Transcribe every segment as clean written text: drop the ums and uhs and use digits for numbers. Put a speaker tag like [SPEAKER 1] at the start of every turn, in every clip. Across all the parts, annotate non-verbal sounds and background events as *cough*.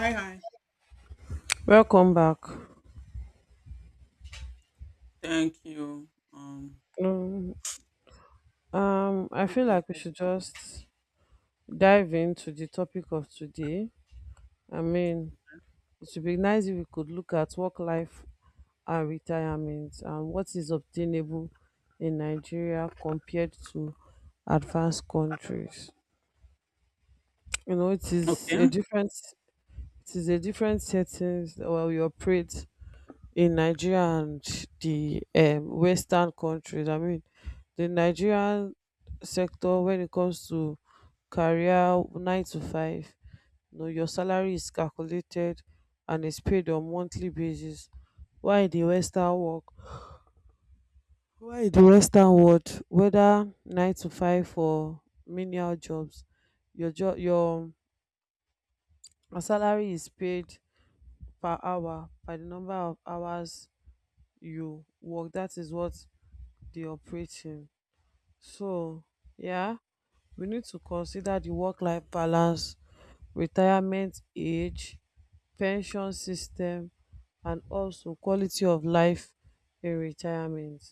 [SPEAKER 1] Hi, hi.
[SPEAKER 2] Welcome back.
[SPEAKER 1] Thank you.
[SPEAKER 2] Um, I feel
[SPEAKER 1] Okay,
[SPEAKER 2] like we should
[SPEAKER 1] agree.
[SPEAKER 2] just dive into the topic of today. I mean, it would be nice if we could look at work life and retirement and what is obtainable in Nigeria compared to advanced countries. You know, it is a
[SPEAKER 1] Okay.
[SPEAKER 2] different settings where we operate in Nigeria and the Western countries. I mean, the Nigerian sector when it comes to career nine to five, you know, your salary is calculated and is paid on monthly basis. Why the Western work? Why the Western world? Whether nine to five or menial jobs, your job, your salary is paid per hour by the number of hours you work. That is what the operating. So, yeah, we need to consider the work life balance, retirement age, pension system, and also quality of life in retirement.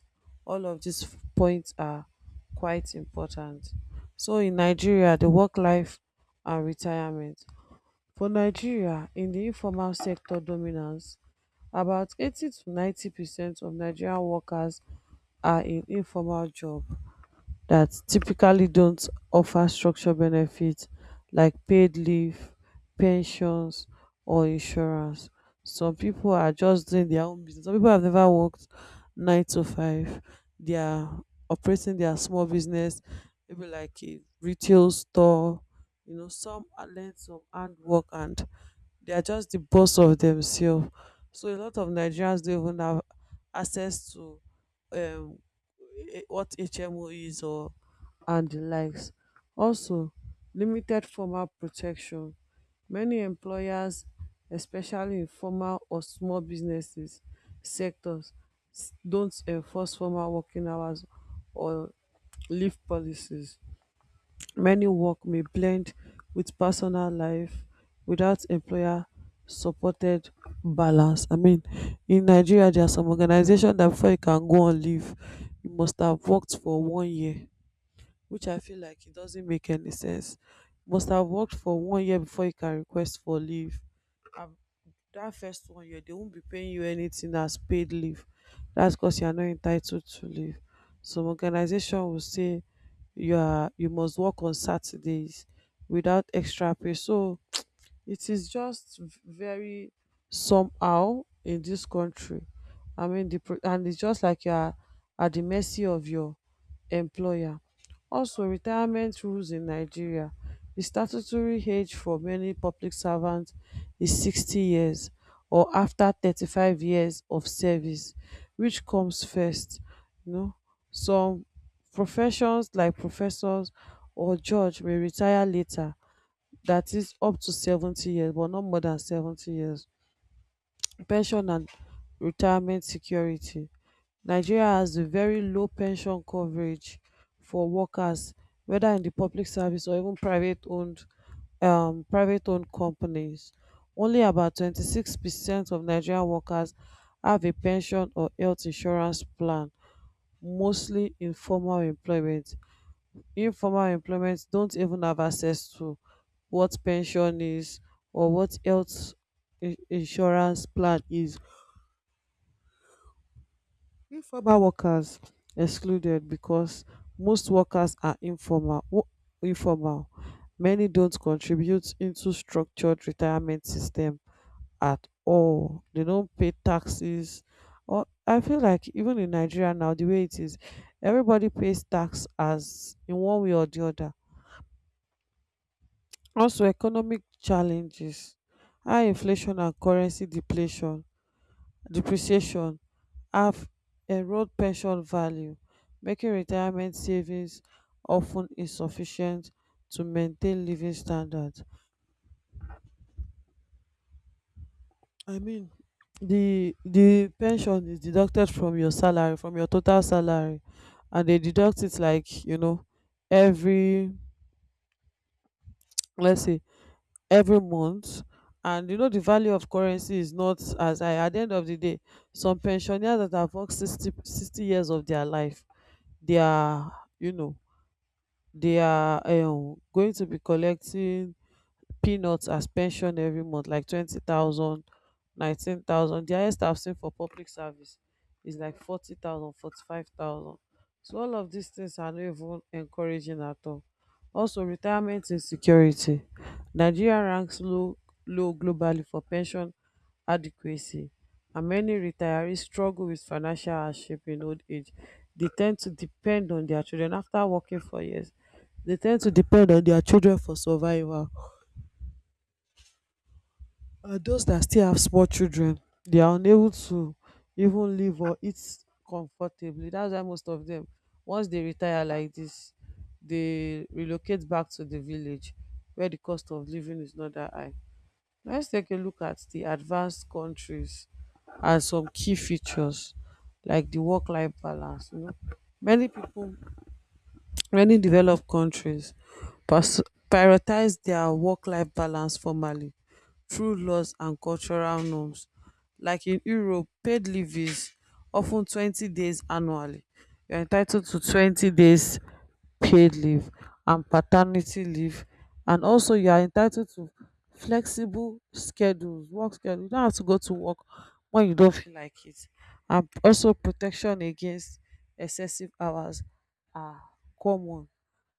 [SPEAKER 2] All of these points are quite important. So, in Nigeria, the work life and retirement for Nigeria, in the informal sector dominance, about 80 to 90% of Nigerian workers are in informal job that typically don't offer structured benefits like paid leave, pensions, or insurance. Some people are just doing their own business. Some people have never worked nine to five. They are operating their small business, maybe like a retail store. You know, some are learned some hard work and they are just the boss of themselves. So a lot of Nigerians don't even have access to um, what HMO is or and the likes. Also, limited formal protection. Many employers, especially in formal or small businesses sectors, don't enforce formal working hours or leave policies. Many work may blend with personal life without employer supported balance. I mean, in Nigeria, there are some organizations that before you can go on leave, you must have worked for one year, which I feel like it doesn't make any sense. Must have worked for one year before you can request for leave. I've that first one year they won't be paying you anything as paid leave, that's because you are not entitled to leave. Some organization will say you are you must work on Saturdays without extra pay, so it is just very somehow in this country. I mean, and it's just like you are at the mercy of your employer. Also, retirement rules in Nigeria. The statutory age for many public servants is 60 years or after 35 years of service. Which comes first? You know, some professions like professors or judge may retire later, that is up to 70 years, but not more than 70 years. Pension and retirement security. Nigeria has a very low pension coverage for workers, whether in the public service or even private owned companies. Only about 26% of Nigerian workers have a pension or health insurance plan, mostly in formal employment. Informal employment don't even have access to what pension is or what health insurance plan is. Informal workers excluded because most workers are informal, many don't contribute into structured retirement system at all. They don't pay taxes, or I feel like even in Nigeria now the way it is, everybody pays tax as in one way or the other. Also economic challenges, high inflation and currency depletion, depreciation have eroded pension value, making retirement savings of ten insufficient to maintain living standards. I mean, the pension is deducted from your salary, from your total salary, and they deduct it, like, you know, every, let's say every month. And you know the value of currency is not as high at the end of the day. Some pensioners that have worked 60, sixty years of their life, they are you know they are going to be collecting peanuts as pension every month, like 20,000, 19,000. The highest I've seen for public service is like 40,000, 45,000. So all of these things are not even encouraging at all. Also retirement insecurity, Nigeria ranks low globally for pension adequacy, and many retirees struggle with financial hardship in old age. They tend to depend on their children. After working for years, they tend to depend on their children for survival. Those that still have small children, they are unable to even live or eat comfortably. That's why most of them, once they retire like this, they relocate back to the village where the cost of living is not that high. Let's take a look at the advanced countries and some key features like the work life balance. You know, many people, many developed countries pers- prioritize their work life balance formally through laws and cultural norms. Like in Europe, paid leave is of ten twenty days annually. You are entitled to 20 days paid leave and paternity leave, and also you are entitled to flexible schedules, work schedule. You don't have to go to work when you don't feel like it. And also protection against excessive hours are common,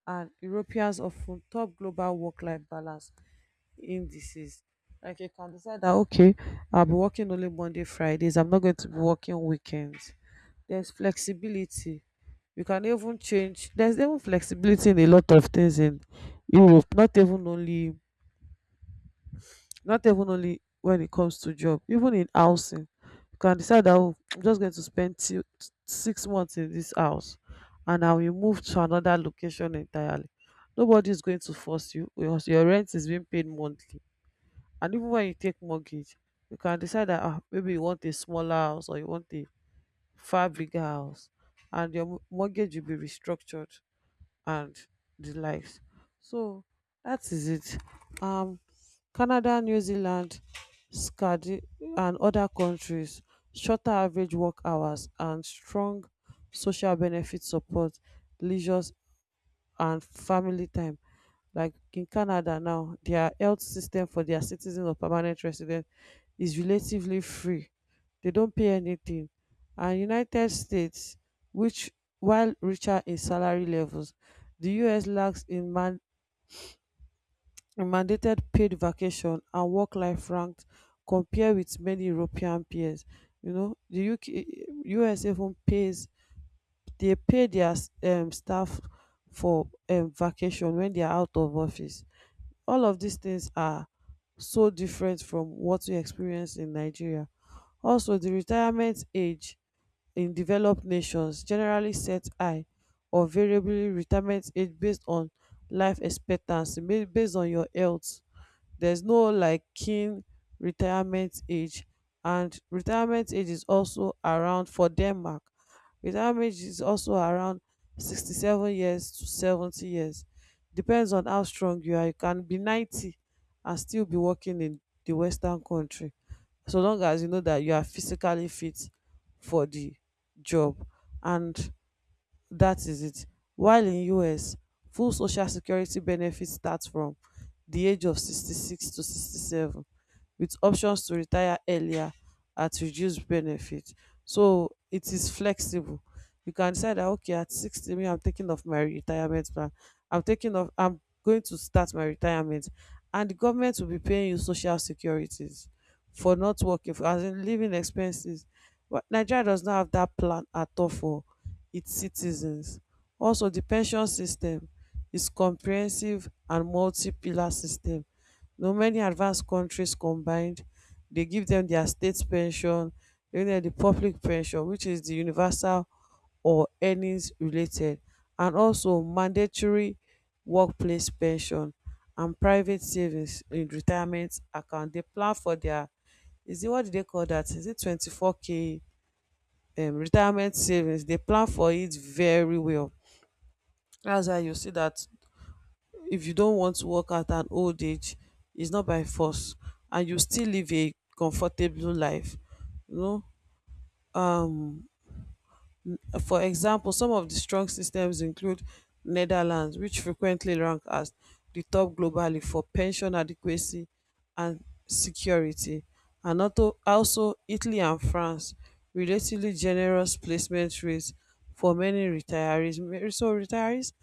[SPEAKER 2] and Europeans of ten top global work life balance indices. Like you can decide that, okay, I'll be working only Monday Fridays, I'm not going to be working weekends. There's flexibility. You can even change, there's even flexibility in a lot of things in Europe, not even only when it comes to job, even in housing. You can decide that, oh, I'm just going to spend two, 6 months in this house, and I will move to another location entirely. Nobody is going to force you because your rent is being paid monthly. And even when you take mortgage, you can decide that maybe you want a smaller house or you want a far bigger house, and your mortgage will be restructured and the likes. So that is it. Um, Canada, New Zealand, SCAD, and other countries, shorter average work hours and strong social benefit support, leisure and family time. Like in Canada now, their health system for their citizens or permanent residents is relatively free, they don't pay anything. And United States, which, while richer in salary levels, the US lacks in in mandated paid vacation and work life ranked compared with many European peers. You know, the UK, US even pays, dey pay their staff for vacation when they are out of office. All of these things are so different from what we experience in Nigeria. Also the retirement age in developed nations generally set high or variably, retirement age based on life expectancy, based on your health. There's no like keen retirement age. And retirement age is also around, for Denmark, retirement age is also around 67 years to 70 years, depends on how strong you are. You can be 90 and still be working in the Western country, so long as you know that you are physically fit for the job. And that is it. While in US, full social security benefits start from the age of 66 to 67 with options to retire earlier at reduced benefit. So it is flexible. You can decide that, okay, at 60, me I'm taking off my retirement plan. I'm taking off, I'm going to start my retirement, and the government will be paying you social securities for not working, for as in living expenses. But Nigeria does not have that plan at all for its citizens. Also, the pension system is comprehensive and multi-pillar system. You know, many advanced countries combined, they give them their state pension, they give them the public pension, which is the universal or earnings related, and also mandatory workplace pension and private savings in retirement account. They plan for their, is it what do they call that? Is it 24K retirement savings? They plan for it very well. That's why you see that if you don't want to work at an old age, it's not by force, and you still live a comfortable life. You know, um, for example, some of the strong systems include Netherlands, which frequently rank as the top globally for pension adequacy and security, and also Italy and France, relatively generous placement rates for many retirees. So retirees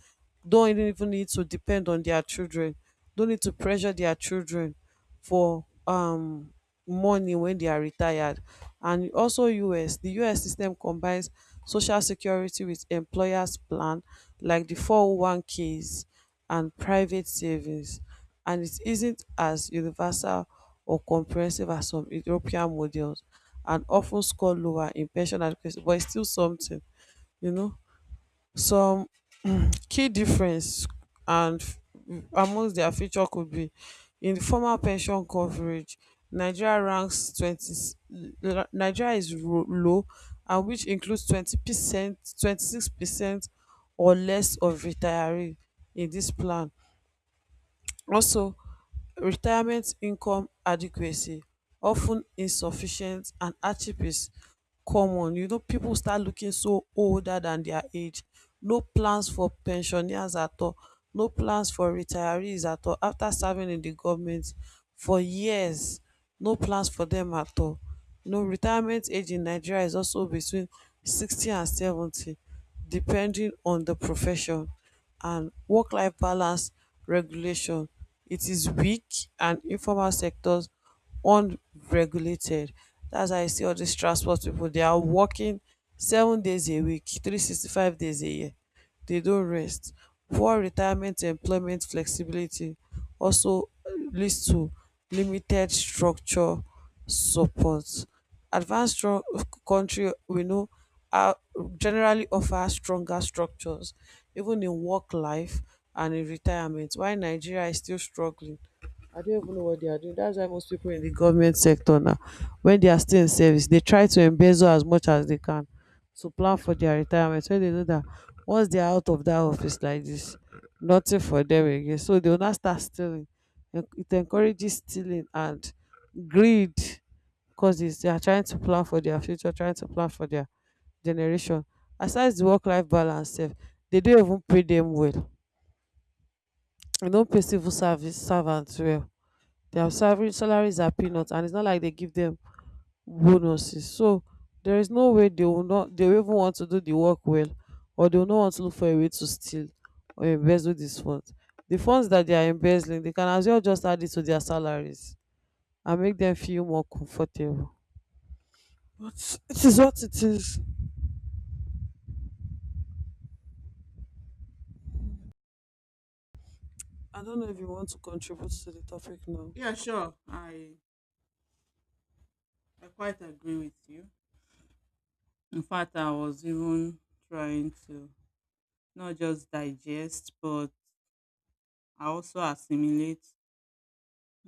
[SPEAKER 2] don't even need to depend on their children, don't need to pressure their children for money when they are retired. And also US, the US system combines social security with employers plan like the 401ks and private savings. And it isn't as universal or comprehensive as some European models, and often score lower in pension adequacy, but it's still something, you know. Some key difference and amongst their feature could be in formal pension coverage. Nigeria ranks 20, Nigeria is ro low, and which includes 20%, 26% or less of retiree in this plan. Also, retirement income adequacy of ten insufficient and hardship is common. You know, people start looking so older than their age. No plans for pensioners at all. No plans for retirees at all. After serving in the government for years, no plans for them at all. You know, retirement age in Nigeria is also between 60 and 70 depending on the profession and work-life balance regulation. It is weak and informal sectors unregulated. Dat's why you see all dis transport pipu they are working 7 days a week, 365 days a year, they don't rest. Poor retirement employment flexibility also leads to limited structure support advanced countries we know are generally offer stronger structures even in work life and in retirement while Nigeria is still struggling. I don't even know what they are doing. That's why most people in the government sector now, when they are still in service, they try to embezzle as much as they can to plan for their retirement. When they know that once they are out of that office like this, nothing for them again. So they will not start stealing. It encourages stealing and greed because they are trying to plan for their future, trying to plan for their generation. Aside the work life balance, sef, they don't even pay them well. They don't pay civil service servants well. Salaries are peanuts, and it's not like they give them bonuses. So there is no way they will not, they will even want to do the work well, or they will not want to look for a way to steal or embezzle these funds. The funds that they are embezzling, they can as well just add it to their salaries and make them feel more comfortable. But it is what it is. I don't know if you want to contribute to the topic now.
[SPEAKER 1] Yeah, sure. I quite agree with you. In fact, I was even trying to not just digest, but I also assimilate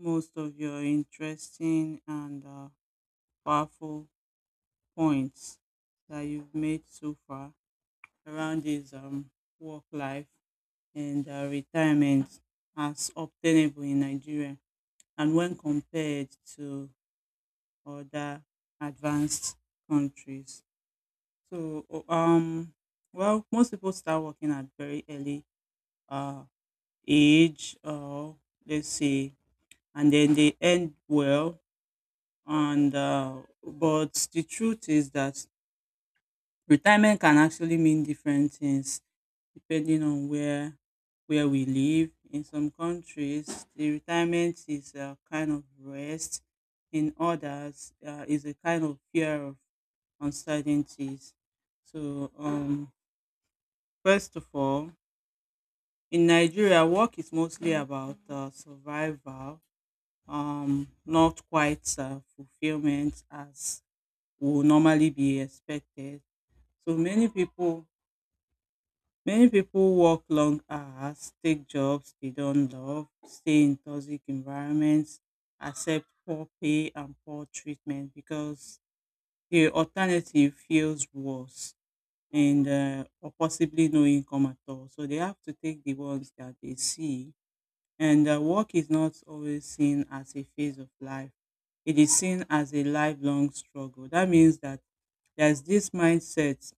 [SPEAKER 1] most of your interesting and powerful points that you've made so far around this work life and retirement as obtainable in Nigeria, and when compared to other advanced countries. So o- um well, most people start working at very early uh age, or let's say and then they end well and but the truth is that retirement can actually mean different things depending on where we live. In some countries, the retirement is a kind of rest. In others, is a kind of fear of uncertainties. So, um, First of all, in Nigeria, work is mostly about survival, not quite fulfillment as would normally be expected. So many people Many people work long hours, take jobs they don't love, stay in toxic environments, accept poor pay and poor treatment because the alternative feels worse and or possibly no income at all. So they have to take the ones that they see. And work is not always seen as a phase of life. It is seen as a lifelong struggle. That means that there's this mindset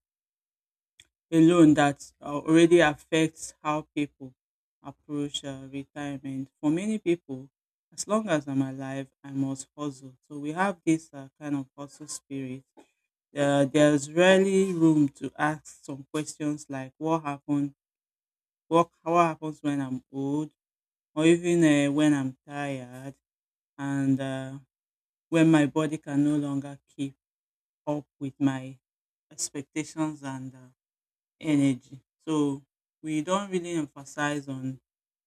[SPEAKER 1] alone that already affects how people approach retirement. For many people, as long as I'm alive, I must hustle. So we have this kind of hustle spirit. There's rarely room to ask some questions like what happened, what happens when I'm old, or even when I'm tired, and when my body can no longer keep up with my expectations and energy. So we don't really emphasize on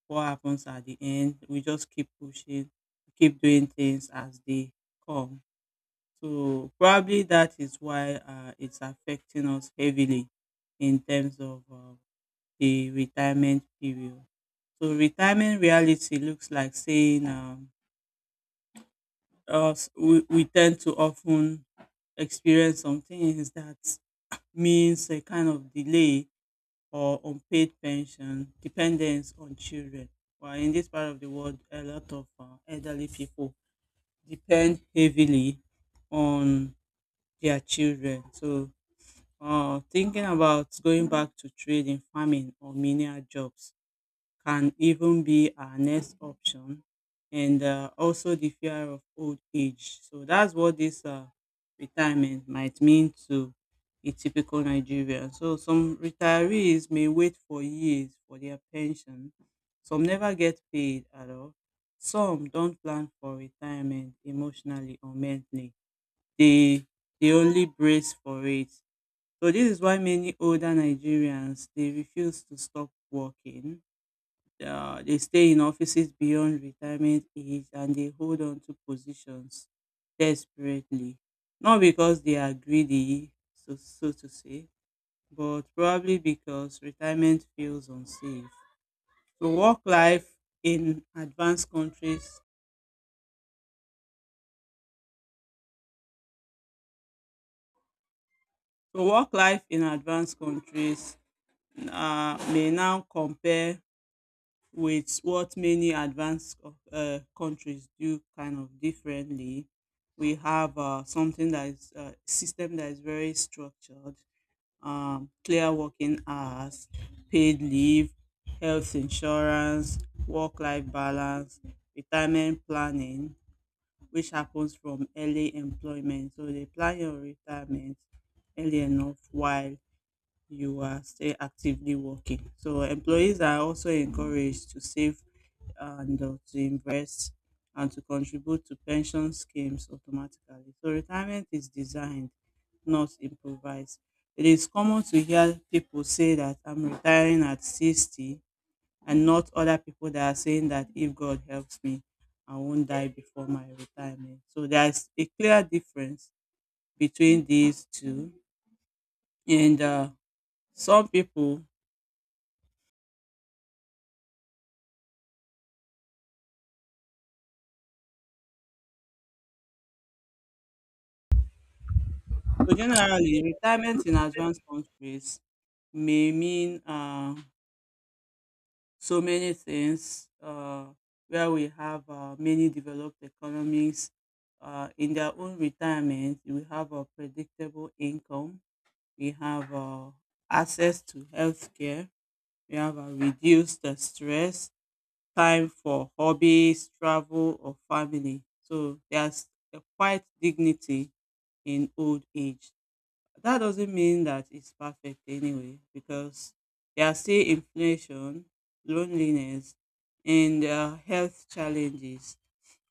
[SPEAKER 1] what happens at the end. We just keep pushing, keep doing things as they come. So probably that is why it's affecting us heavily in terms of the retirement period. So retirement reality looks like saying us we tend to often experience some things that means a kind of delay or unpaid pension, dependence on children. Well, in this part of the world, a lot of elderly people depend heavily on their children. So, thinking about going back to trading, farming, or menial jobs can even be our next option, and also the fear of old age. So that's what this retirement might mean to a typical Nigerian. So some retirees may wait for years for their pension, some never get paid at all, some don't plan for retirement emotionally or mentally. They they only brace for it. So this is why many older Nigerians, they refuse to stop working. They stay in offices beyond retirement age and they hold on to positions desperately. Not because they are greedy, so to say, but probably because retirement feels unsafe. So work life in advanced countries, so work life in advanced countries may now compare with what many advanced countries do kind of differently. We have something that is a system that is very structured, clear working hours, paid leave, health insurance, work-life balance, retirement planning, which happens from early employment. So they plan your retirement early enough while you are still actively working. So employees are also encouraged to save and to invest and to contribute to pension schemes automatically. So retirement is designed, not improvised. It is common to hear people say that I'm retiring at 60 and not other people that are saying that if God helps me, I won't die before my retirement. So there's a clear difference between these two. And some people So generally, retirement in advanced countries may mean so many things where we have many developed economies. In their own retirement, we have a predictable income, we have access to healthcare, we have a reduced the stress, time for hobbies, travel, or family. So there's a quite dignity in old age. That doesn't mean that it's perfect anyway, because there are still inflation, loneliness, and health challenges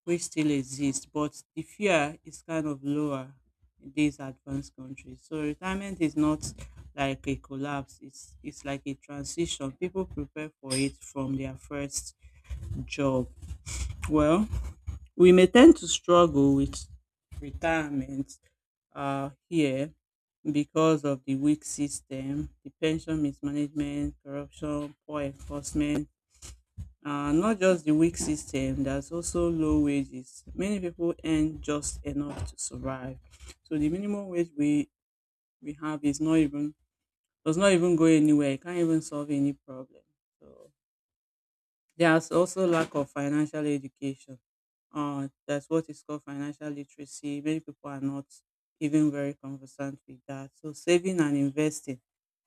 [SPEAKER 1] which still exist, but the fear is kind of lower in these advanced countries. So retirement is not like a collapse, it's like a transition. People prepare for it from their first job. Well, we may tend to struggle with retirement here because of the weak system, the pension mismanagement, corruption, poor enforcement. Not just the weak system, there's also low wages. Many people earn just enough to survive. So the minimum wage we have is not even, does not even go anywhere. It can't even solve any problem. So there's also lack of financial education. That's what is called financial literacy. Many people are not even very conversant with that. So saving and investing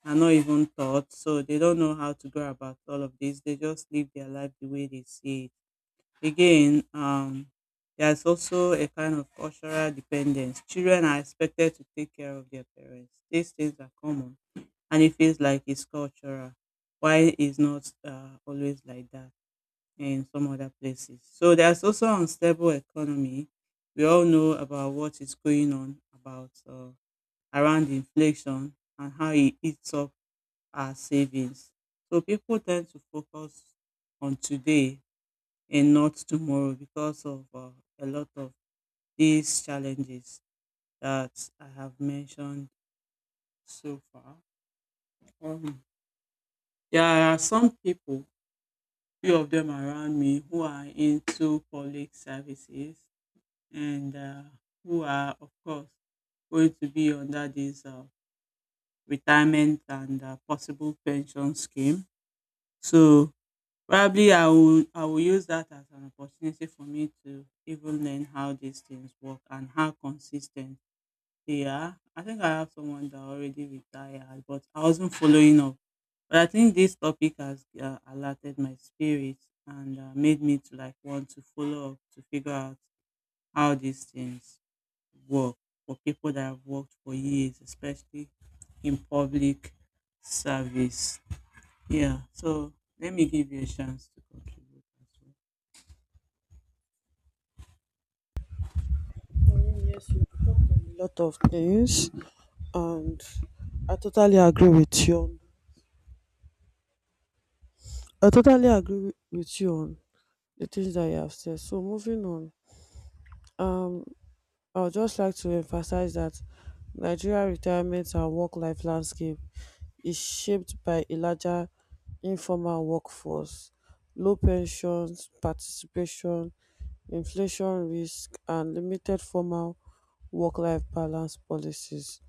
[SPEAKER 1] are not even taught. So they don't know how to go about all of this. They just live their life the way they see it. Again, there's also a kind of cultural dependence. Children are expected to take care of their parents. These things are common, and it feels like it's cultural. Why is not always like that in some other places? So there's also unstable economy. We all know about what is going on about around inflation and how it eats up our savings. So people tend to focus on today and not tomorrow because of a lot of these challenges that I have mentioned so far. Um, there are some people, few of them around me, who are into public services and who are, of course, going to be under this retirement and possible pension scheme. So probably I will use that as an opportunity for me to even learn how these things work and how consistent they are. I think I have someone that already retired, but I wasn't following up. But I think this topic has alerted my spirit and made me to like want to follow up to figure out how these things work for people that have worked for years, especially in public service. Yeah, so let me give you a chance to contribute as well.
[SPEAKER 2] I mean, yes, you talked on a lot of things, and I totally agree with you. I totally agree with you on the things that you have said. So moving on, um, I would just like to emphasize that Nigeria retirement and work-life landscape is shaped by a larger informal workforce, low pension participation, inflation risk and limited formal work-life balance policies.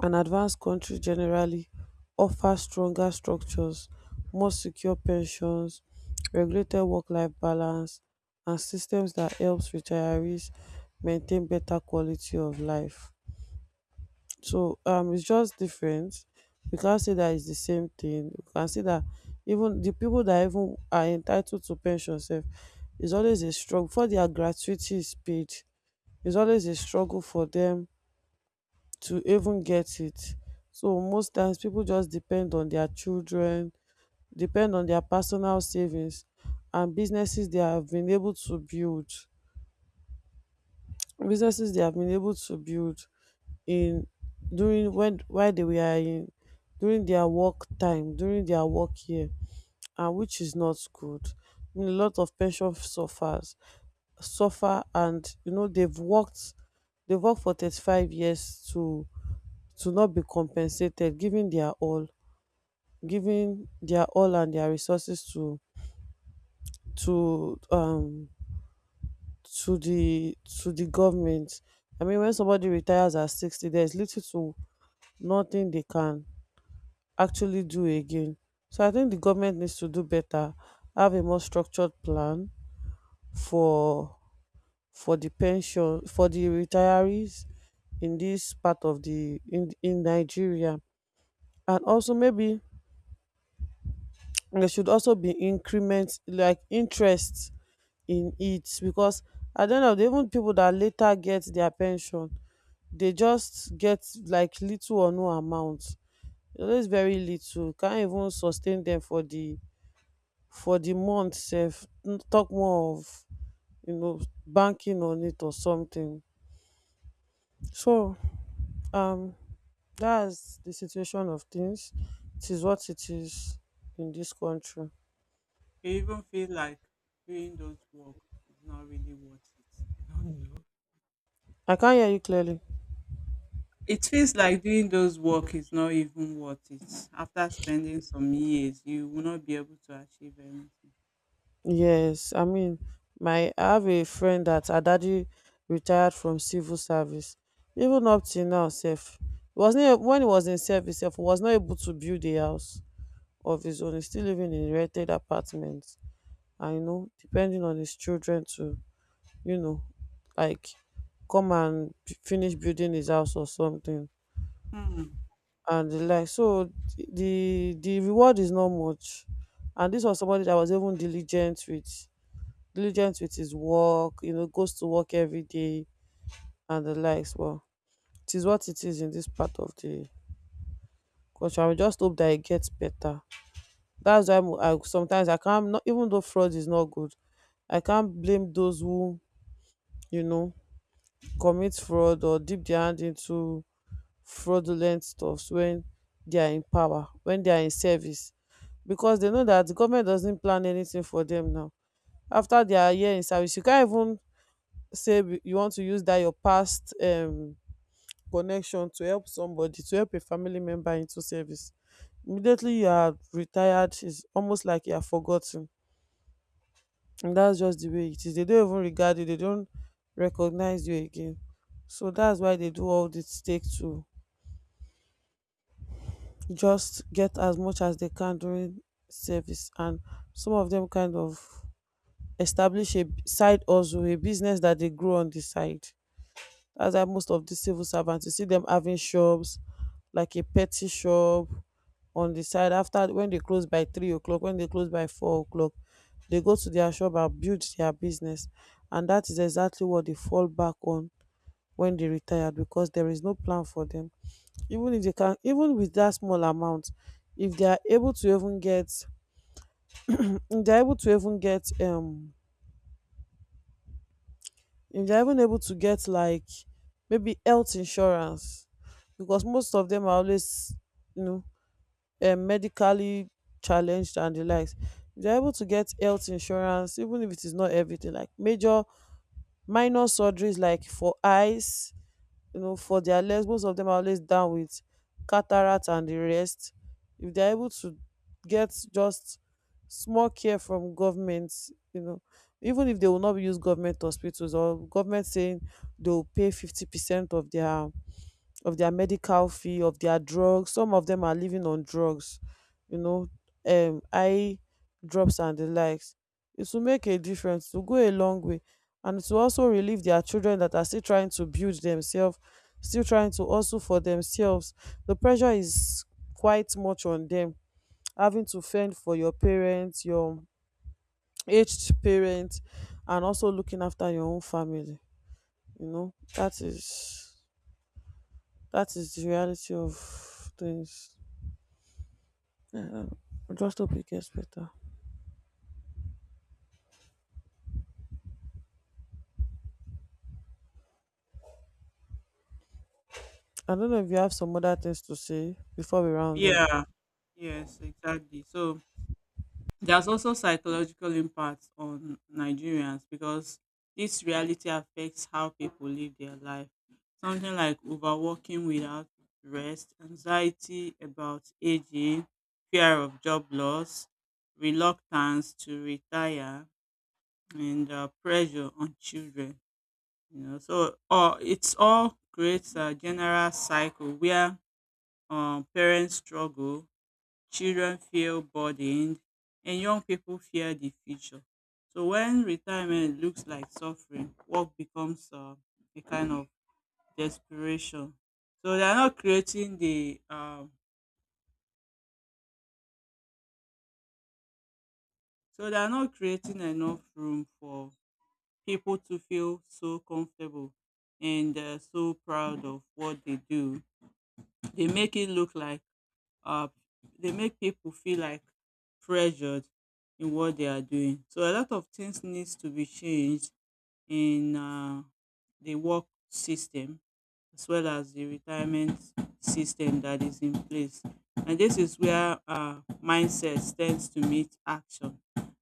[SPEAKER 2] An advanced country generally offers stronger structures, more secure pensions, regulated work-life balance and systems that helps retirees maintain better quality of life. So it's just different. We can't say that it's the same thing. We can say that even the people that even are entitled to pension self is always a struggle for their gratuity is paid. It's always a struggle for them to even get it. So most times people just depend on their children, depend on their personal savings and businesses they have been able to build. Businesses they have been able to build in during when while they were in During their work time during their work year, and which is not good. I mean, a lot of pension suffers suffer, and you know they've worked for 35 years to not be compensated, giving their all and their resources to to um to the government. I mean, when somebody retires at 60, there's little to nothing they can actually do again. So I think the government needs to do better, have a more structured plan for for the pension for the retirees in this part of the in Nigeria, and also maybe there should also be increment like interest in it because at the end of the even people that later get their pension, they just get like little or no amount. It's very little, can't even sustain them for the month sef, talk more of, you know, banking on it or something. So um that's the situation of things. It is what it is in this country.
[SPEAKER 1] You even feel like doing those work is not really worth it. *laughs* I don't know.
[SPEAKER 2] I can't hear you clearly.
[SPEAKER 1] It feels like doing those work is not even worth it. After spending some years, you will not be able to achieve anything.
[SPEAKER 2] Yes, I mean my I have a friend that her daddy retired from civil service. Even up till now sef he was not when he was in service sef he was not able to build a house of his own. He still living in rented apartment. I know, depending on his children to, you know, like come and finish building his house or something
[SPEAKER 1] Hmm.
[SPEAKER 2] and the like. So the reward is not much. And this was somebody that was even diligent with his work, you know, goes to work every day and the likes. Well, it is what it is in this part of the country. I just hope that it gets better. That's why I sometimes I can't not even though fraud is not good, I can't blame those who, you know, commit fraud or dip dia hand into fraudulent stuffs wen they are in power, wen they are in service, because they know that the government doesn't plan anything for them now. After their year in service, you can't even say you want to use that your past connection to help somebody, to help a family member into service. Immediately you are retired, is almost like you are forgotten, and that's just the way it is. They don't even regard you, they don't recognize you again. So that's why they do all this, take to just get as much as they can during service. And some of them kind of establish a side hustle, a business that they grow on the side. That's why most of the civil servants you see them having shops like a petty shop on the side, after when they close by 3 o'clock, when they close by 4 o'clock, they go to their shop and build their business. And that is exactly what they fall back on when they retired because there is no plan for them. Even if they can, even with that small amount, if they are able to even get if they're able to even get if they're even able to get like maybe health insurance, because most of them are always, you know, medically challenged and the likes. If they're able to get health insurance, even if it is not everything, like major minor surgeries, like for eyes, you know, for their legs. Most of them are always down with cataract and the rest. If they're able to get just small care from government, you know, even if they will not use government hospitals or government saying, they will pay 50% of their medical fee, of their drugs. Some of them are living on drugs, you know, eye drops and the likes. It will make a difference, to go a long way. And to also relieve their children that are still trying to build themselves, still trying to also for themselves. The pressure is quite much on them, having to fend for your parents, your aged parents, and also looking after your own family. You know, that is the reality of things. Yeah, I just hope it gets better. I don't know if you have some other things to say before we round off.
[SPEAKER 1] Yeah, yes, exactly. There's also psychological impact on Nigerians because this reality affects how people live their life. Something like overworking without rest, anxiety about aging, fear of job loss, reluctance to retire, and pressure on children. You know, so it's all creates a general cycle where parents struggle, children feel burdened, and young people fear the future. So when retirement looks like suffering, work becomes a kind of desperation. So they are not creating the um, so they are not creating enough room for people to feel so comfortable and so proud of what they do. They make it look like uh, they make people feel like pressured in what they are doing. So a lot of things needs to be changed in the work system as well as the retirement system that is in place. And this is where mindset tends to meet action.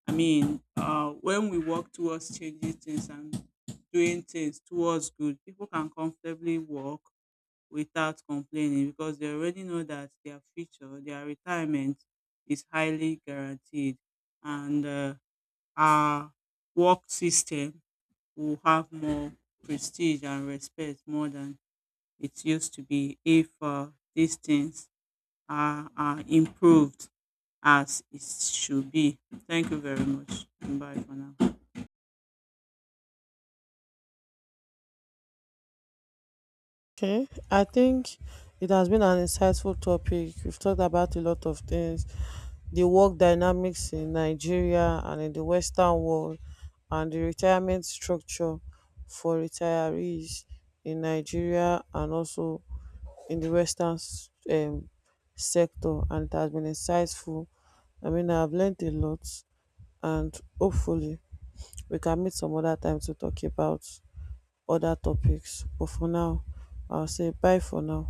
[SPEAKER 1] I mean, when we work towards changing things and doing things towards good, people can comfortably work without complaining because they already know that their future, their retirement is highly guaranteed. And our work system will have more prestige and respect more than it used to be if these things are improved as it should be. Thank you very much. Bye for now.
[SPEAKER 2] Okay, I think it has been an insightful topic. We've talked about a lot of things, the work dynamics in Nigeria and in the Western world, and the retirement structure for retirees in Nigeria and also in the Western sector, and it has been insightful. I mean, I've learned a lot, and hopefully, we can meet some other time to talk about other topics. But for now, I'll say bye for now.